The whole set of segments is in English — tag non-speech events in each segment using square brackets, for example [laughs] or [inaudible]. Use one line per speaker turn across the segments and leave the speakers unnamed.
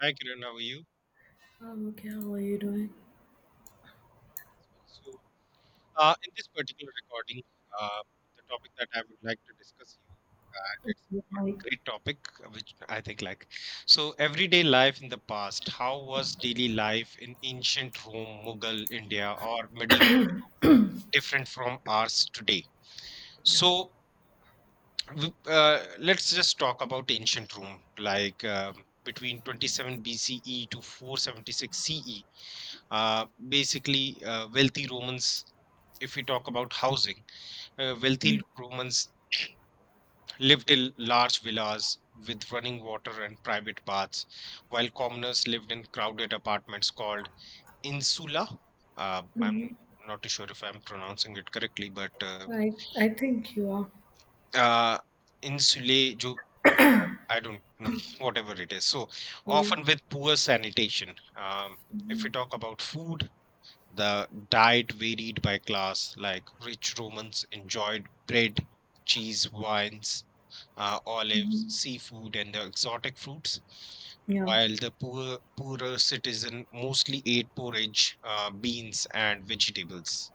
Hi, Kiran. How are you?
I okay. How are you doing?
So, in this particular recording, uh, the topic that I would like to discuss you, and it's a
Like,
great topic, which I think like so everyday life in the past. How was daily life in ancient Rome, Mughal India, or medieval different from ours today?
yeah.
So, let's just talk about ancient Rome, like between 27 BCE to 476 CE. Basically, wealthy Romans, if we talk about housing, wealthy
Yeah.
Romans lived in large villas with running water and private baths, while commoners lived in crowded apartments called insula.
Hmm.
I'm not too sure if I'm pronouncing it correctly, but
I think you are.
uh, insulae, jo, I don't know, [laughs] whatever it is. So
Yeah.
often with poor sanitation. If we
Hmm.
talk about food, the diet varied by class, like rich Romans enjoyed bread, cheese, wines, olives,
Hmm.
seafood, and the exotic fruits,
Yeah.
while the poorer citizen mostly ate porridge, beans, and vegetables.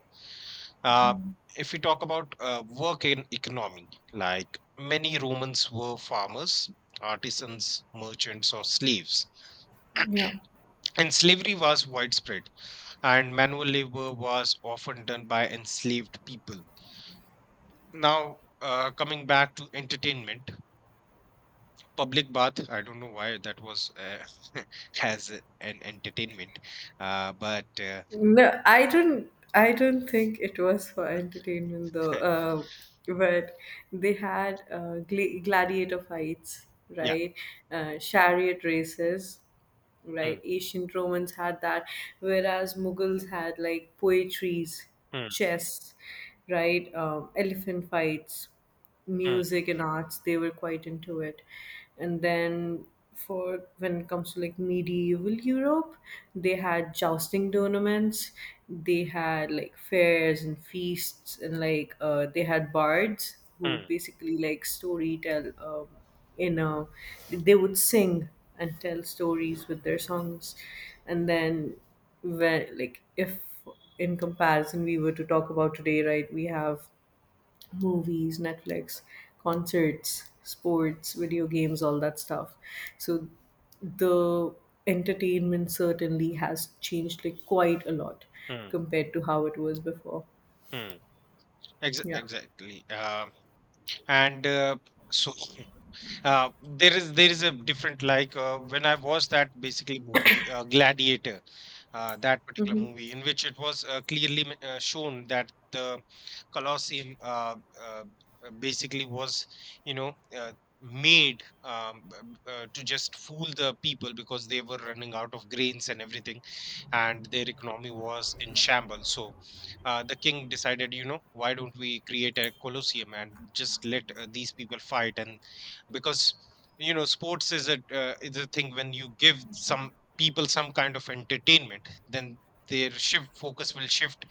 Uh, if we talk about work and economy, like many Romans were farmers, artisans, merchants, or slaves,
Yeah.
and slavery was widespread and manual labor was often done by enslaved people. Now, coming back to entertainment, public bath, I don't know why that was [laughs] as an entertainment, but
I don't think it was for entertainment though. But they had gladiator fights,
yeah.
right? Chariot races,
Mm,
right? Ancient Romans had that, whereas Mughals had like poetries,
mm,
chess, right? Elephant fights,
mm,
music and arts. They were quite into it. And then for when it comes to like medieval Europe, they had jousting tournaments. They had like fairs and feasts, and like they had bards who would
mm,
basically like story tell. You know they would sing and tell stories with their songs, and then when like if in comparison we were to talk about today, right, we have movies, Netflix, concerts, sports, video games, all that stuff. So the entertainment certainly has changed like quite a lot
mm,
compared to how it was before.
mm.
Yeah.
Exactly. And so there is a different, like, when I watched that basically movie, Gladiator, that particular
Mm-hmm.
movie in which it was, clearly shown that the Colosseum, basically, was you know uh, made to just fool the people because they were running out of grains and everything, and their economy was in shambles. So the king decided, you know, why don't we create a Colosseum and just let these people fight, and because you know sports is a thing. When you give some people some kind of entertainment, then their shift focus will shift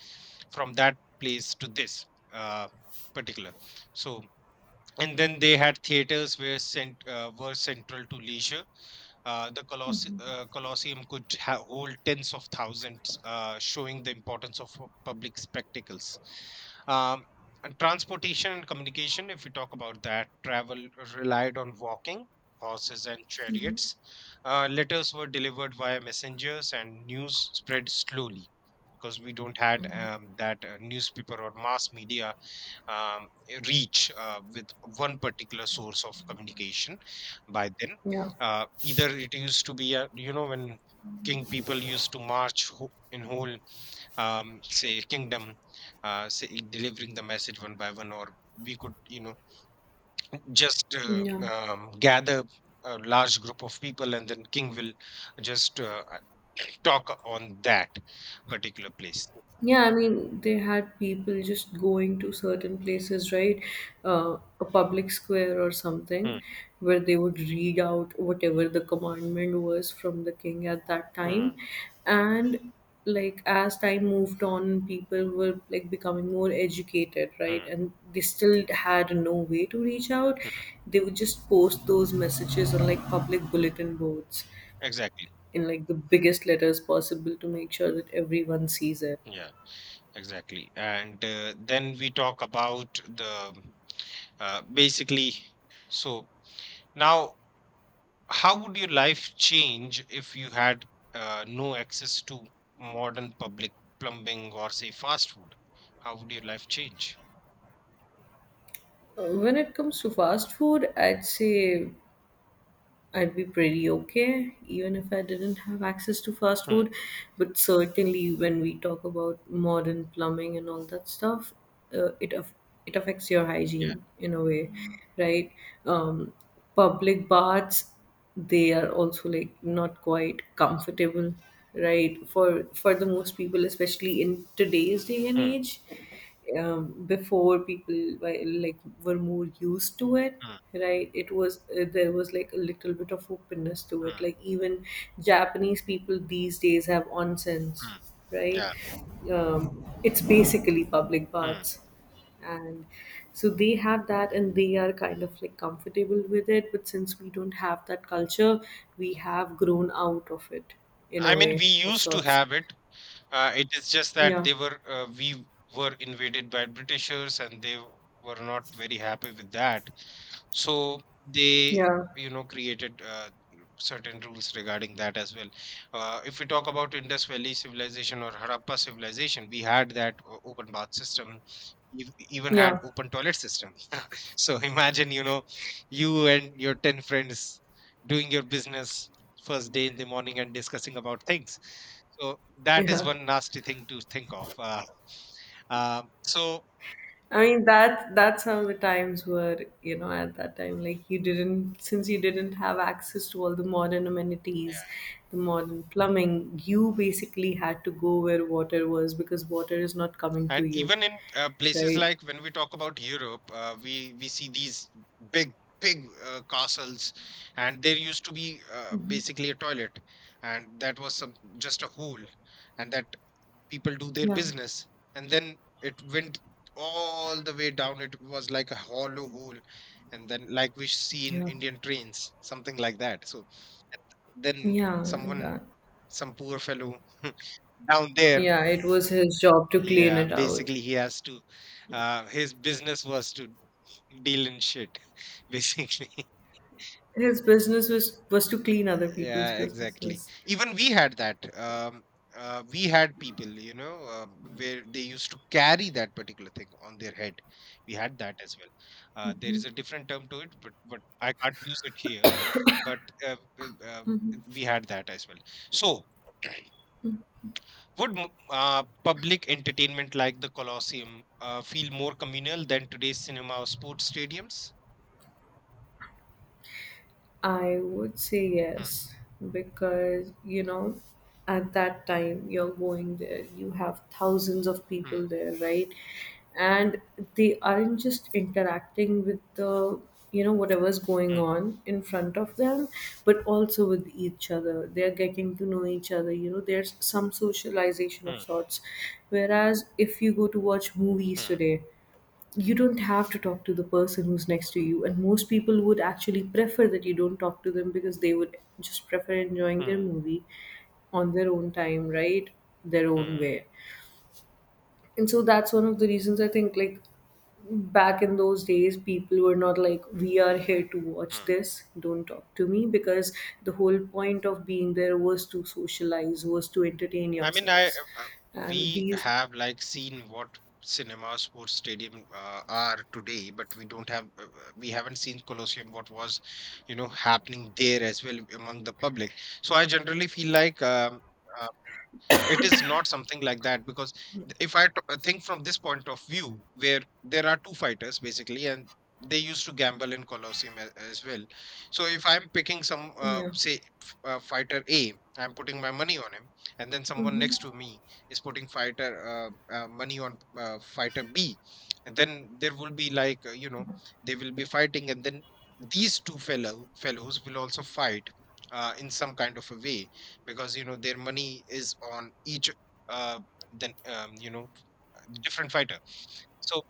from that place to this, uh, particular so. And then they had theaters were central to leisure. The Colosseum could hold tens of thousands, showing the importance of public spectacles. Um, and transportation and communication, if we talk about that, travel relied on walking, horses, and chariots. Letters were delivered via messengers, and news spread slowly because we don't had that newspaper or mass media um, reach with one particular source of communication by then.
Yeah.
Either it used to be a, you know, when king people used to march, in whole, say, kingdom, say, delivering the message one by one, or we could, you know, just
Yeah.
gather a large group of people and then king will just [clears throat] talk on that particular place.
Yeah, I mean, they had people just going to certain places, right? A public square or
Hmm,
something, where they would read out whatever the commandment was from the king at that
hmm,
time. And like as time moved on, people were like becoming more educated, right?
hmm,
And they still had no way to reach out.
hmm.
They would just post those messages on like public bulletin boards
Exactly.
in like the biggest letters possible to make sure that everyone sees it.
Yeah. Exactly. And then we talk about the, basically. So now, how would your life change if you had no access to modern public plumbing or say fast food? How would your life change?
When it comes to fast food, I'd say I'd be pretty okay, even if I didn't have access to fast
Hmm,
food. But certainly, when we talk about modern plumbing and all that stuff, uh, it aff- it affects your hygiene in a way, right? Um, public baths, they are also like not quite comfortable, right, for the most people, especially in today's day and
hmm,
age. Um, before, people were, like, were more used to it,
hmm,
right? it was There was like a little bit of openness to it,
hmm,
like even Japanese people these days have onsens,
hmm.
right?
Yeah.
Um, it's basically public
Hmm.
baths. And so they have that and they are kind of like comfortable with it, but since we don't have that culture, we have grown out of it in
I
a
mean,
way
we
of
used to
sorts.
have it. It is just that
Yeah.
they were we were invaded by Britishers, and they were not very happy with that. So they,
Yeah.
you know, created certain rules regarding that as well. If we talk about Indus Valley civilization or Harappa civilization, we had that open bath system. We even had
Yeah.
open toilet system. So [laughs] imagine, you know, you and your ten friends doing your business first day in the morning and discussing about things. So that is
Yeah,
one nasty thing to think of. So,
I mean, that's how the times were, you know, at that time. Like you didn't, since you didn't have access to all the modern amenities, the modern plumbing, you basically had to go where water was, because water is not coming to
and
you,
even in places,
right.
like when we talk about Europe, we see these big big castles, and there used to be basically a toilet, and that was some just a hole, and that people do their
Yeah.
business, and then it went all the way down. It was like a hollow hole, and then like we see in
Yeah.
Indian trains, something like that. So, and then
Yeah, and,
someone, some poor fellow [laughs] down there,
yeah, it was his job to clean
yeah,
it out.
basically he has to his business was to deal in shit, [laughs] basically.
His business was to clean other people's
Yeah, exactly.
businesses.
Even we had that. We had people, you know, where they used to carry that particular thing on their head. We had that as well. There is a different term to it, but I can't use it here. But uh, uh, uh, we had that as well. So, would public entertainment like the Colosseum feel more communal than today's cinema or sports stadiums?
I would say
Hmm,
yes, because, you know, at that time you're going there, you have thousands of
hmm,
people there, right? And they aren't just interacting with the, you know, whatever's going
hmm,
on in front of them, but also with each other. They're getting to know each other, you know, there's some socialization of
hmm,
sorts. Whereas if you go to watch movies
hmm,
today, you don't have to talk to the person who's next to you, and most people would actually prefer that you don't talk to them because they would just prefer enjoying their
hmm,
movie on their own time, right, their own
hmm,
way. And so that's one of the reasons I think, like, back in those days people were not like, we are here to watch
hmm.
this, don't talk to me, because the whole point of being there was to socialize, was to entertain
I mean, I
yourselves.
uh,
And
we
these,
have, like, seen what cinema, sports stadium, are today, but we don't have we haven't seen Colosseum, what was, you know, happening there as well among the public. So I generally feel like. Uh, it is not something like that, because if I think from this point of view, where there are two fighters basically, and they used to gamble in Colosseum as well. So if I'm picking some,
yeah.
say, fighter a, I'm putting my money on him, and then someone
Hmm.
next to me is putting fighter, money on, fighter b, and then there will be, like, you know, they will be fighting, and then these two fellows will also fight, in some kind of a way, because you know their money is on each, uh then you know, different fighter. So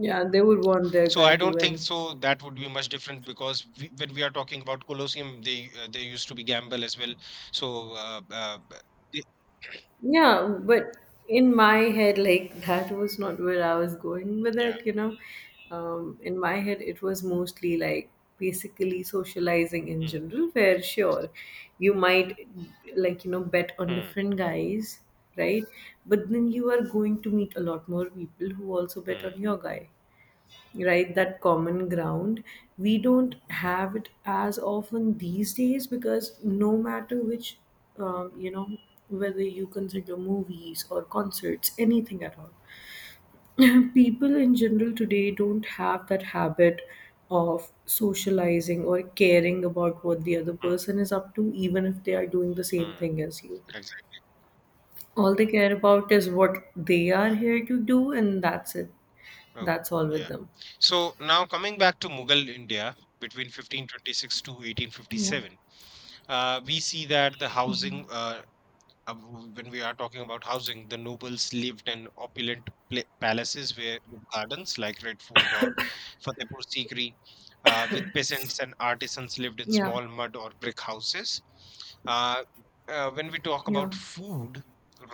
Yeah, they would want their guy
I
to
don't think
win.
so that would be much different, because we, when we are talking about Colosseum, they, they used to be gamble as well. So, y-
Yeah, but in my head, like that was not where I was going with
yeah.
it, you know. In my head, it was mostly like basically socializing in
Hmm,
general, where sure, you might, like, you know, bet on
hmm,
different guys, right? But then you are going to meet a lot more people who also bet on
hmm,
your guy, right, that common ground. We don't have it as often these days because no matter which, you know, whether you consider movies or concerts, anything at all, [clears throat] people in general today don't have that habit of socializing or caring about what the other
hmm,
person is up to, even if they are doing the same
hmm.
thing as you.
Exactly.
All they care about is what they are
Hmm.
here to do, and that's it.
Oh,
That's all with
yeah.
them.
So now, coming back to Mughal India, between 1526 to
Yeah.
1857, we see that the housing, when we are talking about housing, the nobles lived in opulent palaces where, with gardens like Red Fort or Fatehpur Sikri, with peasants and artisans lived in
Yeah.
small mud or brick houses. Uh, when we talk
Yeah.
about food,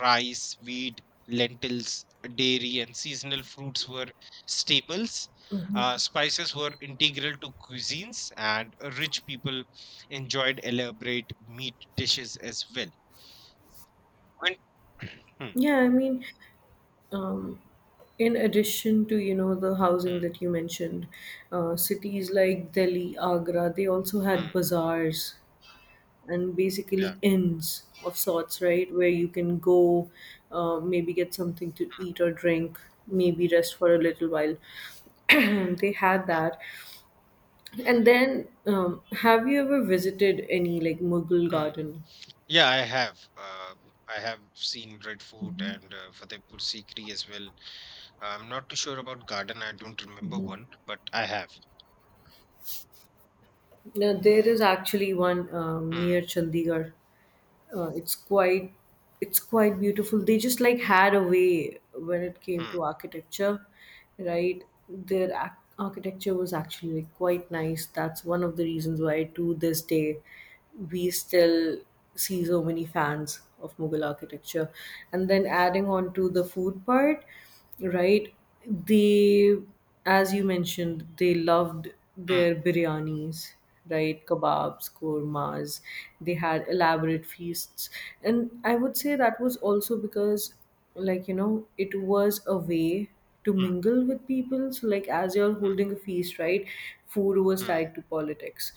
rice, wheat, lentils, dairy, and seasonal fruits were staples. Spices were integral to cuisines, and rich people enjoyed elaborate meat dishes as well when [clears throat] hmm,
Yeah, I mean, um, in addition to, you know, the housing
hmm,
that you mentioned, cities like Delhi, Agra, they also had
hmm,
bazaars and
yeah,
basically inns of sorts, right? Where you can go, maybe get something to eat or drink, maybe rest for a little while. [clears throat] They had that. And then, have you ever visited any like Mughal
hmm, hmm.
garden?
Yeah, I have. I have seen Red Fort and Fatehpur Sikri as well. I'm not too sure about Garden. I don't remember one, but I have.
Now, there is actually one
Hmm,
near Chandigarh, uh, it's quite it's quite beautiful. They just like
hmm,
had a way when it came
hmm,
to architecture, right? Their architecture was actually like quite nice. That's one of the reasons why to this day we still see so many fans of Mughal architecture. And then adding on to the food part, right, they, as you mentioned, they loved
hmm,
their biryanis, right, kebabs, kormas. They had elaborate feasts, and I would say that was also because, like, you know, it was a way to
hmm,
mingle with people. So like as you're holding a feast, right, food was
hmm.
tied to politics.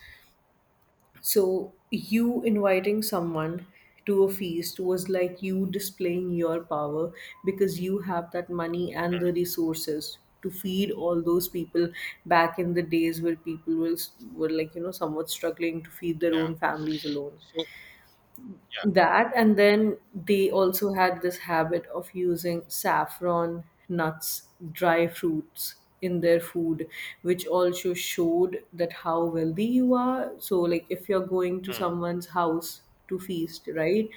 So you inviting someone to a feast was like you displaying your power, because you have that money and the resources to feed all those people, back in the days where were like, you know, somewhat struggling to feed their
Yeah.
own families alone.
So yeah.
That, and then they also had this habit of using saffron, nuts, dry fruits in their food, which also showed that how wealthy you are. So like if you're going to
Hmm,
someone's house to feast, right,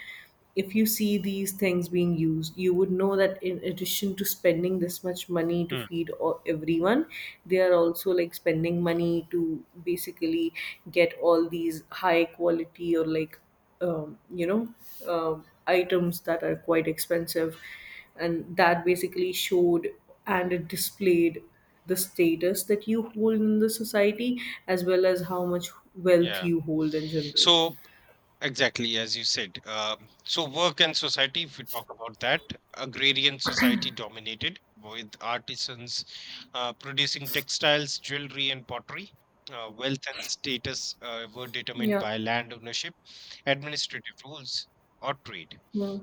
if you see these things being used, you would know that in addition to spending this much money to
hmm,
feed everyone, they are also like spending money to basically get all these high quality, or like, you know, um, items that are quite expensive. And that basically showed and it displayed the status that you hold in the society, as well as how much wealth
yeah.
you hold in general.
So, exactly, as you said. So, work and society, if we talk about that, agrarian society dominated with artisans producing textiles, jewelry, and pottery. Wealth and status were determined
Yeah.
by land ownership, administrative rules, or trade.
Hmm.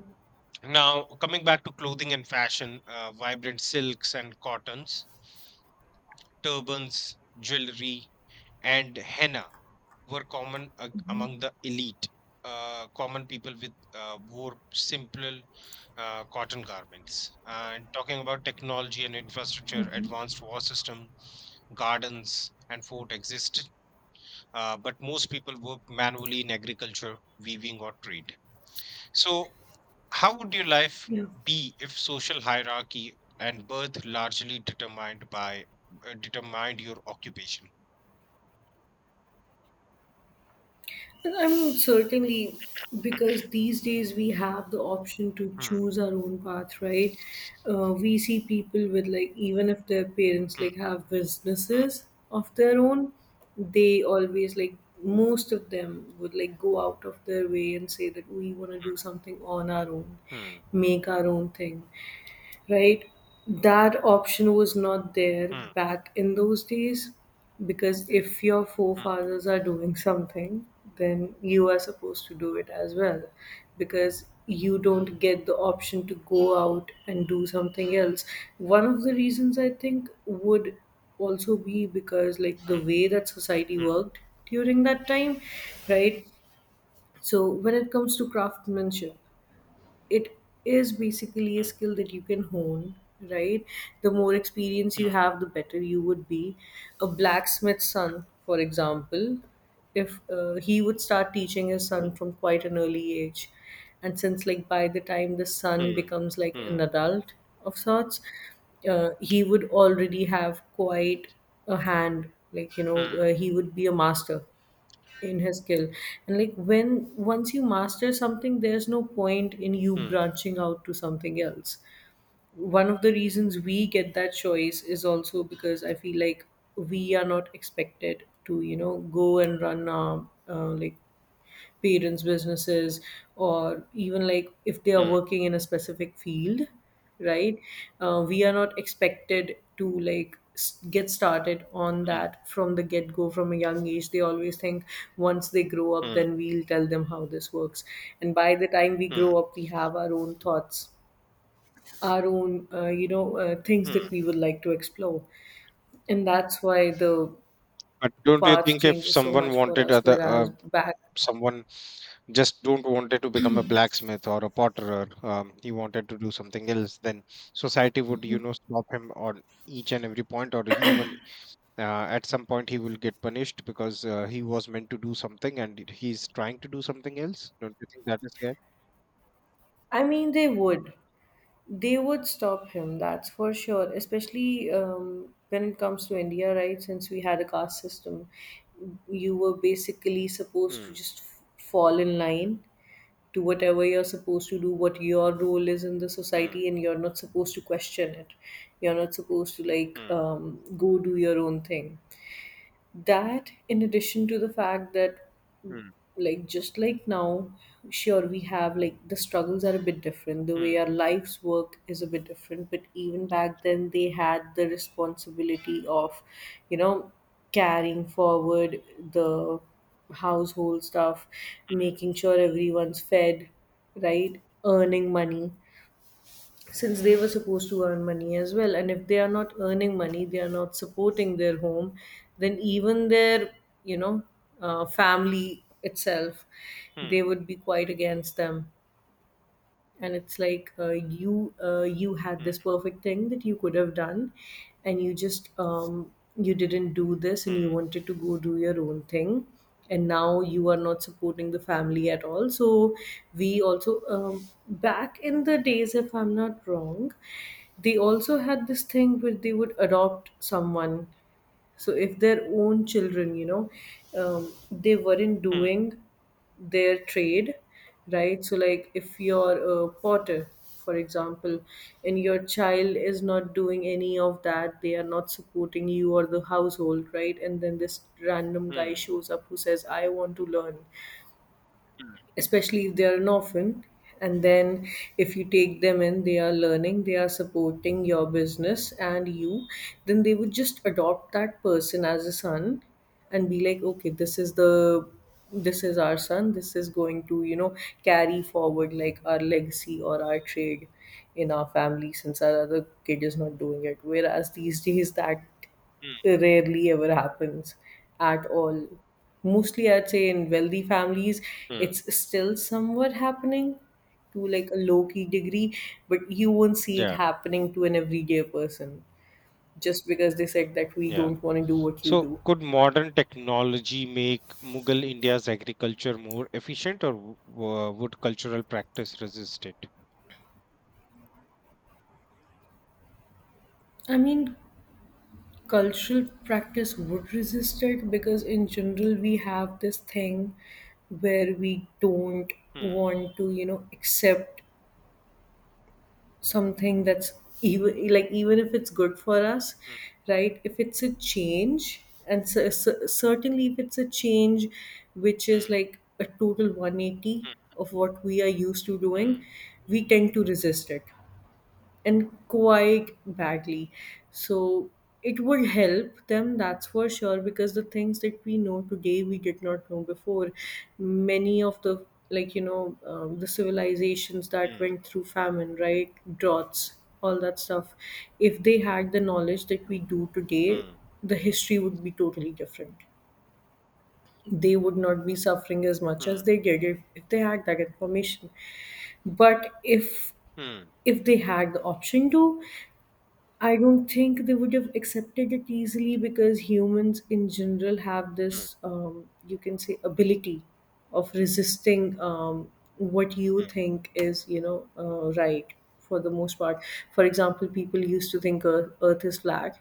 Now, coming back to clothing and fashion, vibrant silks and cottons, turbans, jewelry, and henna were common among the elite, common people with wore simple cotton garments. And talking about technology and infrastructure, advanced war system, gardens, and fort existed, but most people worked manually in agriculture, weaving, or trade. So, how would your life
Yeah.
be if social hierarchy and birth largely determined by determined your occupation?
And I mean, certainly, because these days we have the option to
Hmm,
choose our own path, right? We see people with like, even if their parents
hmm,
like have
hmm,
businesses of their own, they always like, most of them would like go out of their way and say that we want to do something on our own,
hmm,
make our own thing, right? That option was not there
hmm,
back in those days, because if your
hmm,
forefathers are doing something, then you are supposed to do it as well, because you don't get the option to go out and do something else. One of the reasons I think would also be because, like, the
hmm,
way that society
hmm,
worked during that time, right? So, when it comes to craftsmanship, it is basically a
hmm.
skill that you can hone, right? The more experience you
Mm,
have, the better you would be. A blacksmith's son, for example, if he would start teaching his son
mm,
from quite an early age. And since, like, by the time the son
mm,
becomes like
mm,
an adult of sorts, he would already have quite a hand, like, you
mm,
know, he would be a master in his skill. And like, when once you master something, there's no point in you
mm,
branching out to something else. One of the reasons we get that choice is also because I feel like we are not expected to, you know, go and run a, like parents' businesses, or even like if they are
mm,
working in a specific field, right? We are not expected to like get started on that from the get go from a young age. They always think, once they grow
mm,
up,
mm,
then we'll tell them how this works. And by the time we grow
mm,
up, we have our own thoughts, our own, you know, things that
mm.
we would like to explore. And that's why the
But don't you
path
think if
changes so
someone
much for
wanted
us,
other,
whereas back,
someone just don't wanted to become a blacksmith or a potterer, he wanted to do something else, then society would, you know, stop him on each and every point, or he even, uh, at some point he will get punished because he was meant to do something and he's trying to do something else. Don't you think that is fair?
i mean they would they would stop him, that's for sure, especially when it comes to India, right? Since we had a caste system, you were basically supposed to
Hmm.
just fall in line to whatever you're supposed to do, what your role is in the society,
Hmm.
and you're not supposed to question it. You're not supposed to, like,
Hmm.
go do your own thing. That, in addition to the fact that,
Hmm.
like just like now, sure, we have, like, the struggles are a bit different, the way
Hmm.
our lives work is a bit different, but even back then they had the responsibility of, you know carrying forward the household stuff, making sure everyone's fed, right, earning money, since they were supposed to earn money as well. And if they are not earning money, they are not supporting their home, then even their, you know family itself, they
Hmm.
would be quite against them. And it's like, you had
Hmm.
this perfect thing that you could have done, and you just, you didn't do this and
Hmm.
you wanted to go do your own thing, and now you are not supporting the family at all. So we also, back in the days, if I'm not wrong, they also had this thing where they would adopt someone. So if their own children, they weren't
Mm.
doing their trade, right? So like, if you're a potter, for example, and your child is not doing any of that, they are not supporting you or the household, right? And then this random guy
Hmm.
shows up who says, "I want to learn,"
Hmm.
especially if they are an orphan. And then, if you take them in, they are learning, they are supporting your business and you, then they would just adopt that person as a son and be like, "Okay, this is our son, this is going to, carry forward like our legacy or our trade in our family, since our other kid is not doing it." Whereas these days, that
Hmm.
rarely ever happens at all. Mostly, I'd say in wealthy families
Mm.
it's still somewhat happening to like a low key degree, but you won't see it
Yeah,
happening to an everyday person just because they said that we
yeah.
don't want to do what you
So,
do.
could modern technology make Mughal India's agriculture more efficient, or would cultural practice resist it?
I mean, cultural practice would resist it because, in general, we have this thing where we don't
Hmm.
want to, accept something that's, even if it's good for us,
Hmm.
right, if it's a change. And certainly if it's a change which
Hmm.
is like a total 180 of what we are used to doing,
Hmm.
we tend to resist it, and quite badly. So it would help them, that's for sure, because the things that we know today we did not know before. Many of the like you know the civilizations that
Hmm.
went through famine, right, droughts, all that stuff — if they had the knowledge that we do today,
Hmm.
the history would be totally different. They would not be suffering as much as
Hmm.
they did if they had that information. But if
Hmm.
if they had the option to, I don't think they would have accepted it easily, because humans in general have
Hmm.
this, you can say, ability of resisting, what you
Hmm.
think is, right, for the most part. For example, people used to think Earth is flat.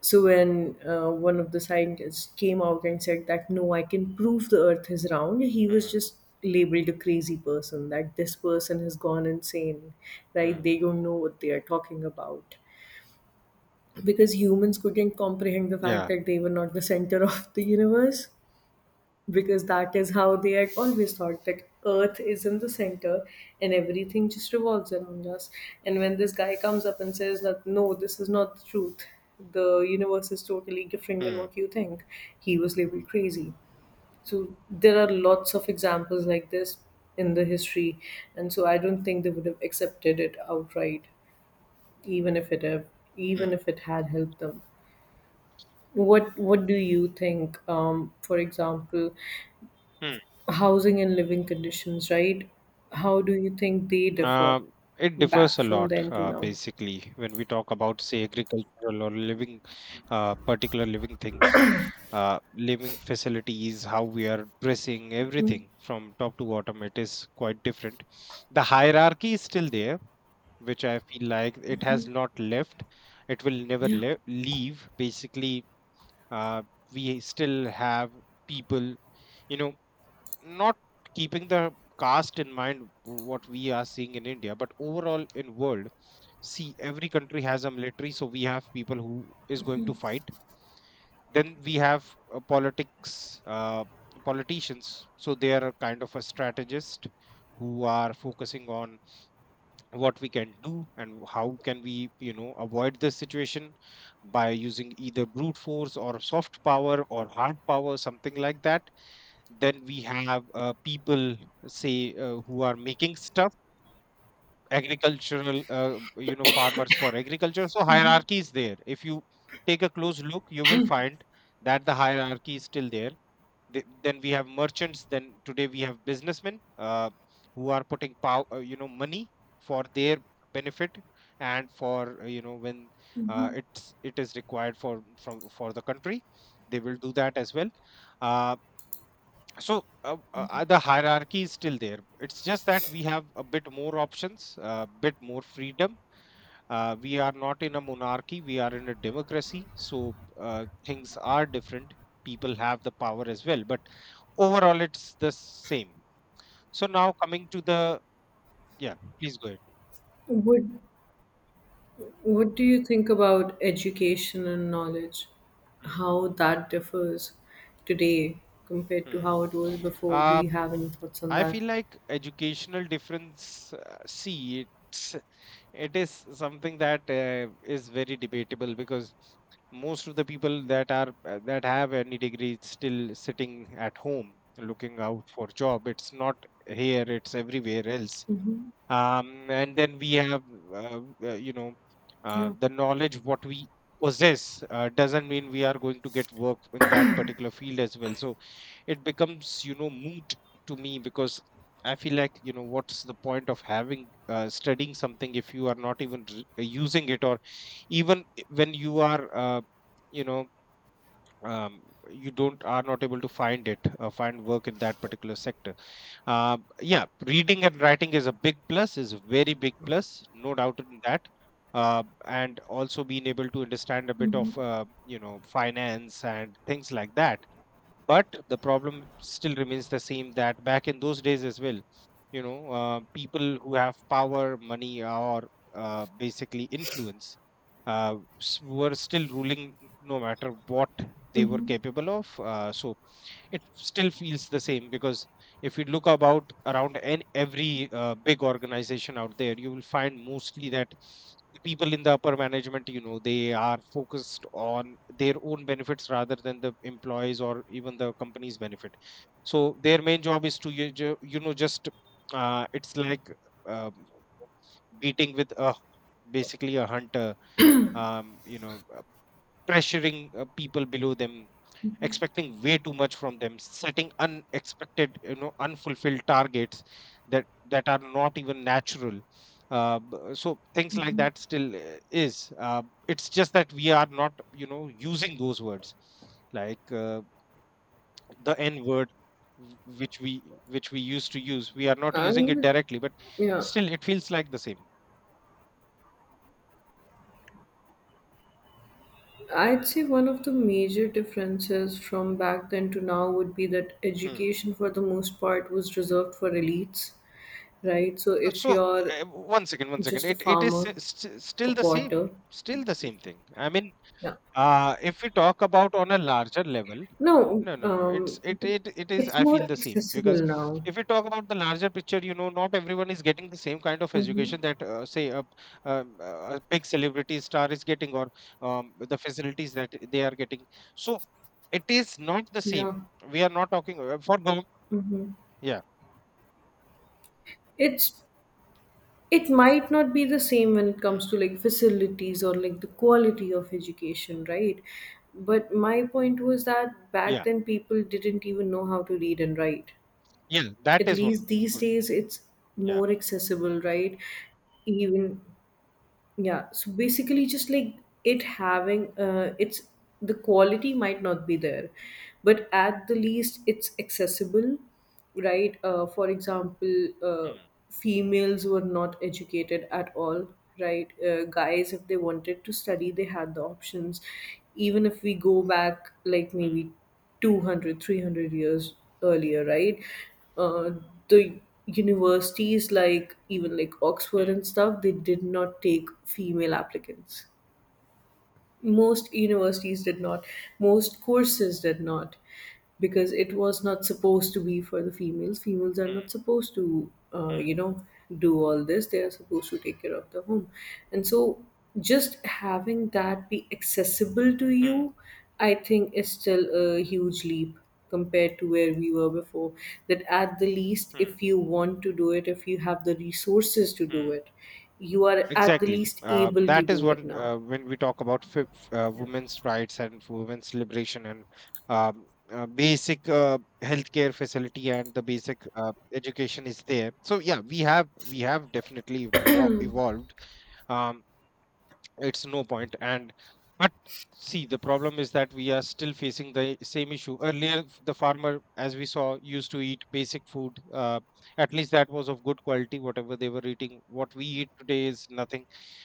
So when, one of the scientists came out and said that, "No, I can prove the Earth is round," he was
Hmm.
just labeled a crazy person, that this person has gone insane, right?
Hmm.
They don't know what they are talking about, because humans couldn't comprehend the fact
Yeah.
that they were not the center of the universe, because that is how they had always thought, that Earth is in the center and everything just revolves around us. And when this guy comes up and says that, "No, this is not the truth, the universe is totally different than
Hmm.
what you think," he was labeled crazy. So there are lots of examples like this in the history, and so I don't think they would have accepted it outright, even if it have,
Hmm. Hmm.
even if it had helped them. What do you think? For example,
Hmm.
housing and living conditions, right? How do you think they differ
Uh, it differs
back
a
from
lot,
then to now?
basically, when we talk about, say, agricultural or living, particular living things, living facilities, how we are dressing, everything from top to bottom, it is quite different. The hierarchy is still there, which I feel like it has not left. It will never
Yeah.
leave. Basically, uh, we still have people, you know not keeping the caste in mind what we are seeing in India, but overall in world, see, every country has a military, so we have people who is going to fight. Then we have politics politicians, so they are kind of a strategist who are focusing on what we can do and how can we avoid this situation by using either brute force or soft power or hard power, something like that. Then we have people, say, who are making stuff, agricultural, farmers for agriculture. So hierarchy is there. If you take a close look, you will find that the hierarchy is still there. Then we have merchants, then today we have businessmen, who are putting money for their benefit, and for, when it is required for the country, they will do that as well. Uh, the hierarchy is still there. It's just that we have a bit more options, a bit more freedom. We are not in a monarchy, we are in a democracy. So things are different. People have the power as well, but overall it's the same. So now coming to the, yeah, please go ahead.
What what do you think about education and knowledge?
Hmm,
How that differs today compared to
hmm.
how it was before? Do
Uh,
you have any thoughts on
I
that?
feel like educational difference, see, it's. it is something that is very debatable because most of the people that are that have any degree still sitting at home looking out for job. It's not here; it's everywhere else.
Mm-hmm.
And then we have, uh, uh, you know,
Yeah.
the knowledge what we possess doesn't mean we are going to get work in that particular field as well. So it becomes, moot to me, because I feel like, what's the point of having studying something if you are not even using it, or even when you are, you know um, you don't are not able to find work in that particular sector. uh, yeah, reading and writing is a big plus, is a very big plus, no doubt in that. And also being able to understand a bit of, finance and things like that. But the problem still remains the same, that back in those days as well, people who have power, money, or basically influence, were still ruling no matter what they were capable of. So it still feels the same, because if you look about around, and every big organization out there, you will find mostly that the people in the upper management, you know, they are focused on their own benefits rather than the employees or even the company's benefit. So their main job is to you know, just, it's like, um, beating with a, basically, a hunter, um, you know pressuring people below them, expecting way too much from them, setting unexpected, you know, unfulfilled targets that are not even natural. So things like that still is it's just that we are not, you know, using those words, like, the N word, w- which we which we used to use. We are not
I,
using it directly, but
yeah.
still it feels like the same.
I'd say one of the major differences from back then to now would be that
Hmm.
education, for the most part, was reserved for elites, right? So if
So,
you're
one second, one second.
just a
It it is
farmer,
s- st-
a potter,
still the same thing. I mean,
yeah.
if we talk about on a larger level,
No,
no, no, no. It's it it it is.
it's
I
more
feel the same, because
accessible now.
if we talk about the larger picture, you know, not everyone is getting the same kind of
Mm-hmm.
education that, say, a big celebrity star is getting, or the facilities that they are getting. So it is not the
Yeah.
same. We are not talking for government.
Mm-hmm.
Yeah,
It's it might not be the same when it
mm,
comes to like facilities or like the quality of education, right? But my point was that back
yeah,
then people didn't even know how to read and write.
yeah. That
At
is one
least these
good.
days it's
Yeah.
more accessible, right? Even, yeah, so basically, just like, it
Hmm.
having it's the quality might not be there, but at the least it's accessible, right? For example,
Hmm,
females were not educated at all, right? Guys, if they wanted to study, they had the options, even if we go back like
hmm,
maybe two hundred, 300 years earlier, right? uh, the universities, like even like Oxford
hmm,
and stuff, they did not take female applicants. Most universities did not, most courses did not, because it was not supposed to be for the Females are
hmm,
not supposed to,
hmm,
do all this, they are supposed to take care of the home. And so, just having that be accessible to
hmm,
you, I think, is still a huge leap compared to where we were before. That at the least,
hmm,
if you want to do it, if you have the resources to do
hmm.
it, you are at the
Exactly.
least able to
That is
do it
what,
now.
when we talk about
Yeah.
women's rights and women's liberation, and um, basic healthcare facility, and the basic education is there. So yeah, we have definitely evolved. Um, it's no point, and, but, see, the problem is that we are still facing the same issue. Earlier, the farmer, as we saw, used to eat basic food, at least that was of good quality, whatever they were eating. What we eat today is nothing.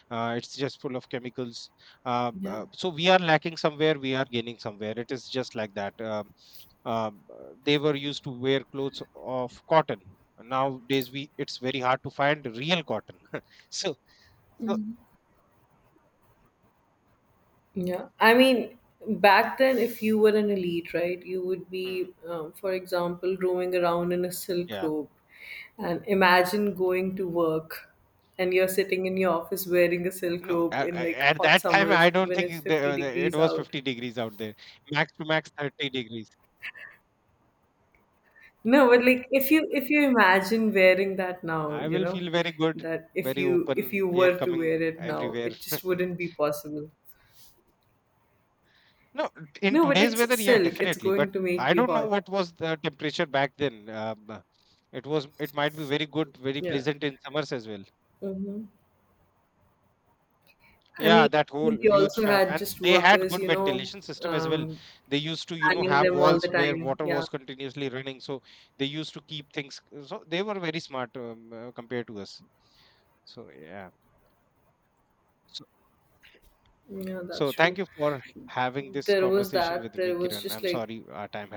It's just full of chemicals.
Yeah.
So we are lacking somewhere, we are gaining somewhere. It is just like that. They were used to wear clothes of cotton. Nowadays, we it's very hard to find real cotton. [laughs] So, so,
Yeah. I mean, back then, if you were an elite, right, you would
hmm,
be, for example, roaming around in a silk
yeah.
robe. And imagine going to work and you're sitting in your office wearing a silk
No,
robe in like
at
hot
that time, I
summers
don't
when it's
think
50
it
degrees
was
out.
50 degrees out there. Max to max 30 degrees.
No, but like, if you imagine wearing that now,
I will feel very good,
that if
very
you if
open,
you
air
were to wear
coming
it now,
everywhere.
it just wouldn't
[laughs]
be possible.
No, in
No, but
today's
it's
weather, yeah,
silk. It's
definitely. But
going to
I
make you
don't know
hot.
what was the temperature back then. It was, it might be very good, very
Yeah.
pleasant in summers as well.
Mm-hmm. I
Yeah,
mean,
that whole
they
huge
also
fan.
had
And
just
they had
workers,
good ventilation system as well.
um,
They used to, you know,
panning
have
them all the
walls where
time.
water
Yeah,
was continuously running. So they used to keep things. So they were very smart, compared to us. So yeah. So,
yeah, that's
so, thank
true.
you for having this
There was
conversation with
that.
me,
There was
Kiran.
just
I'm
like
sorry our time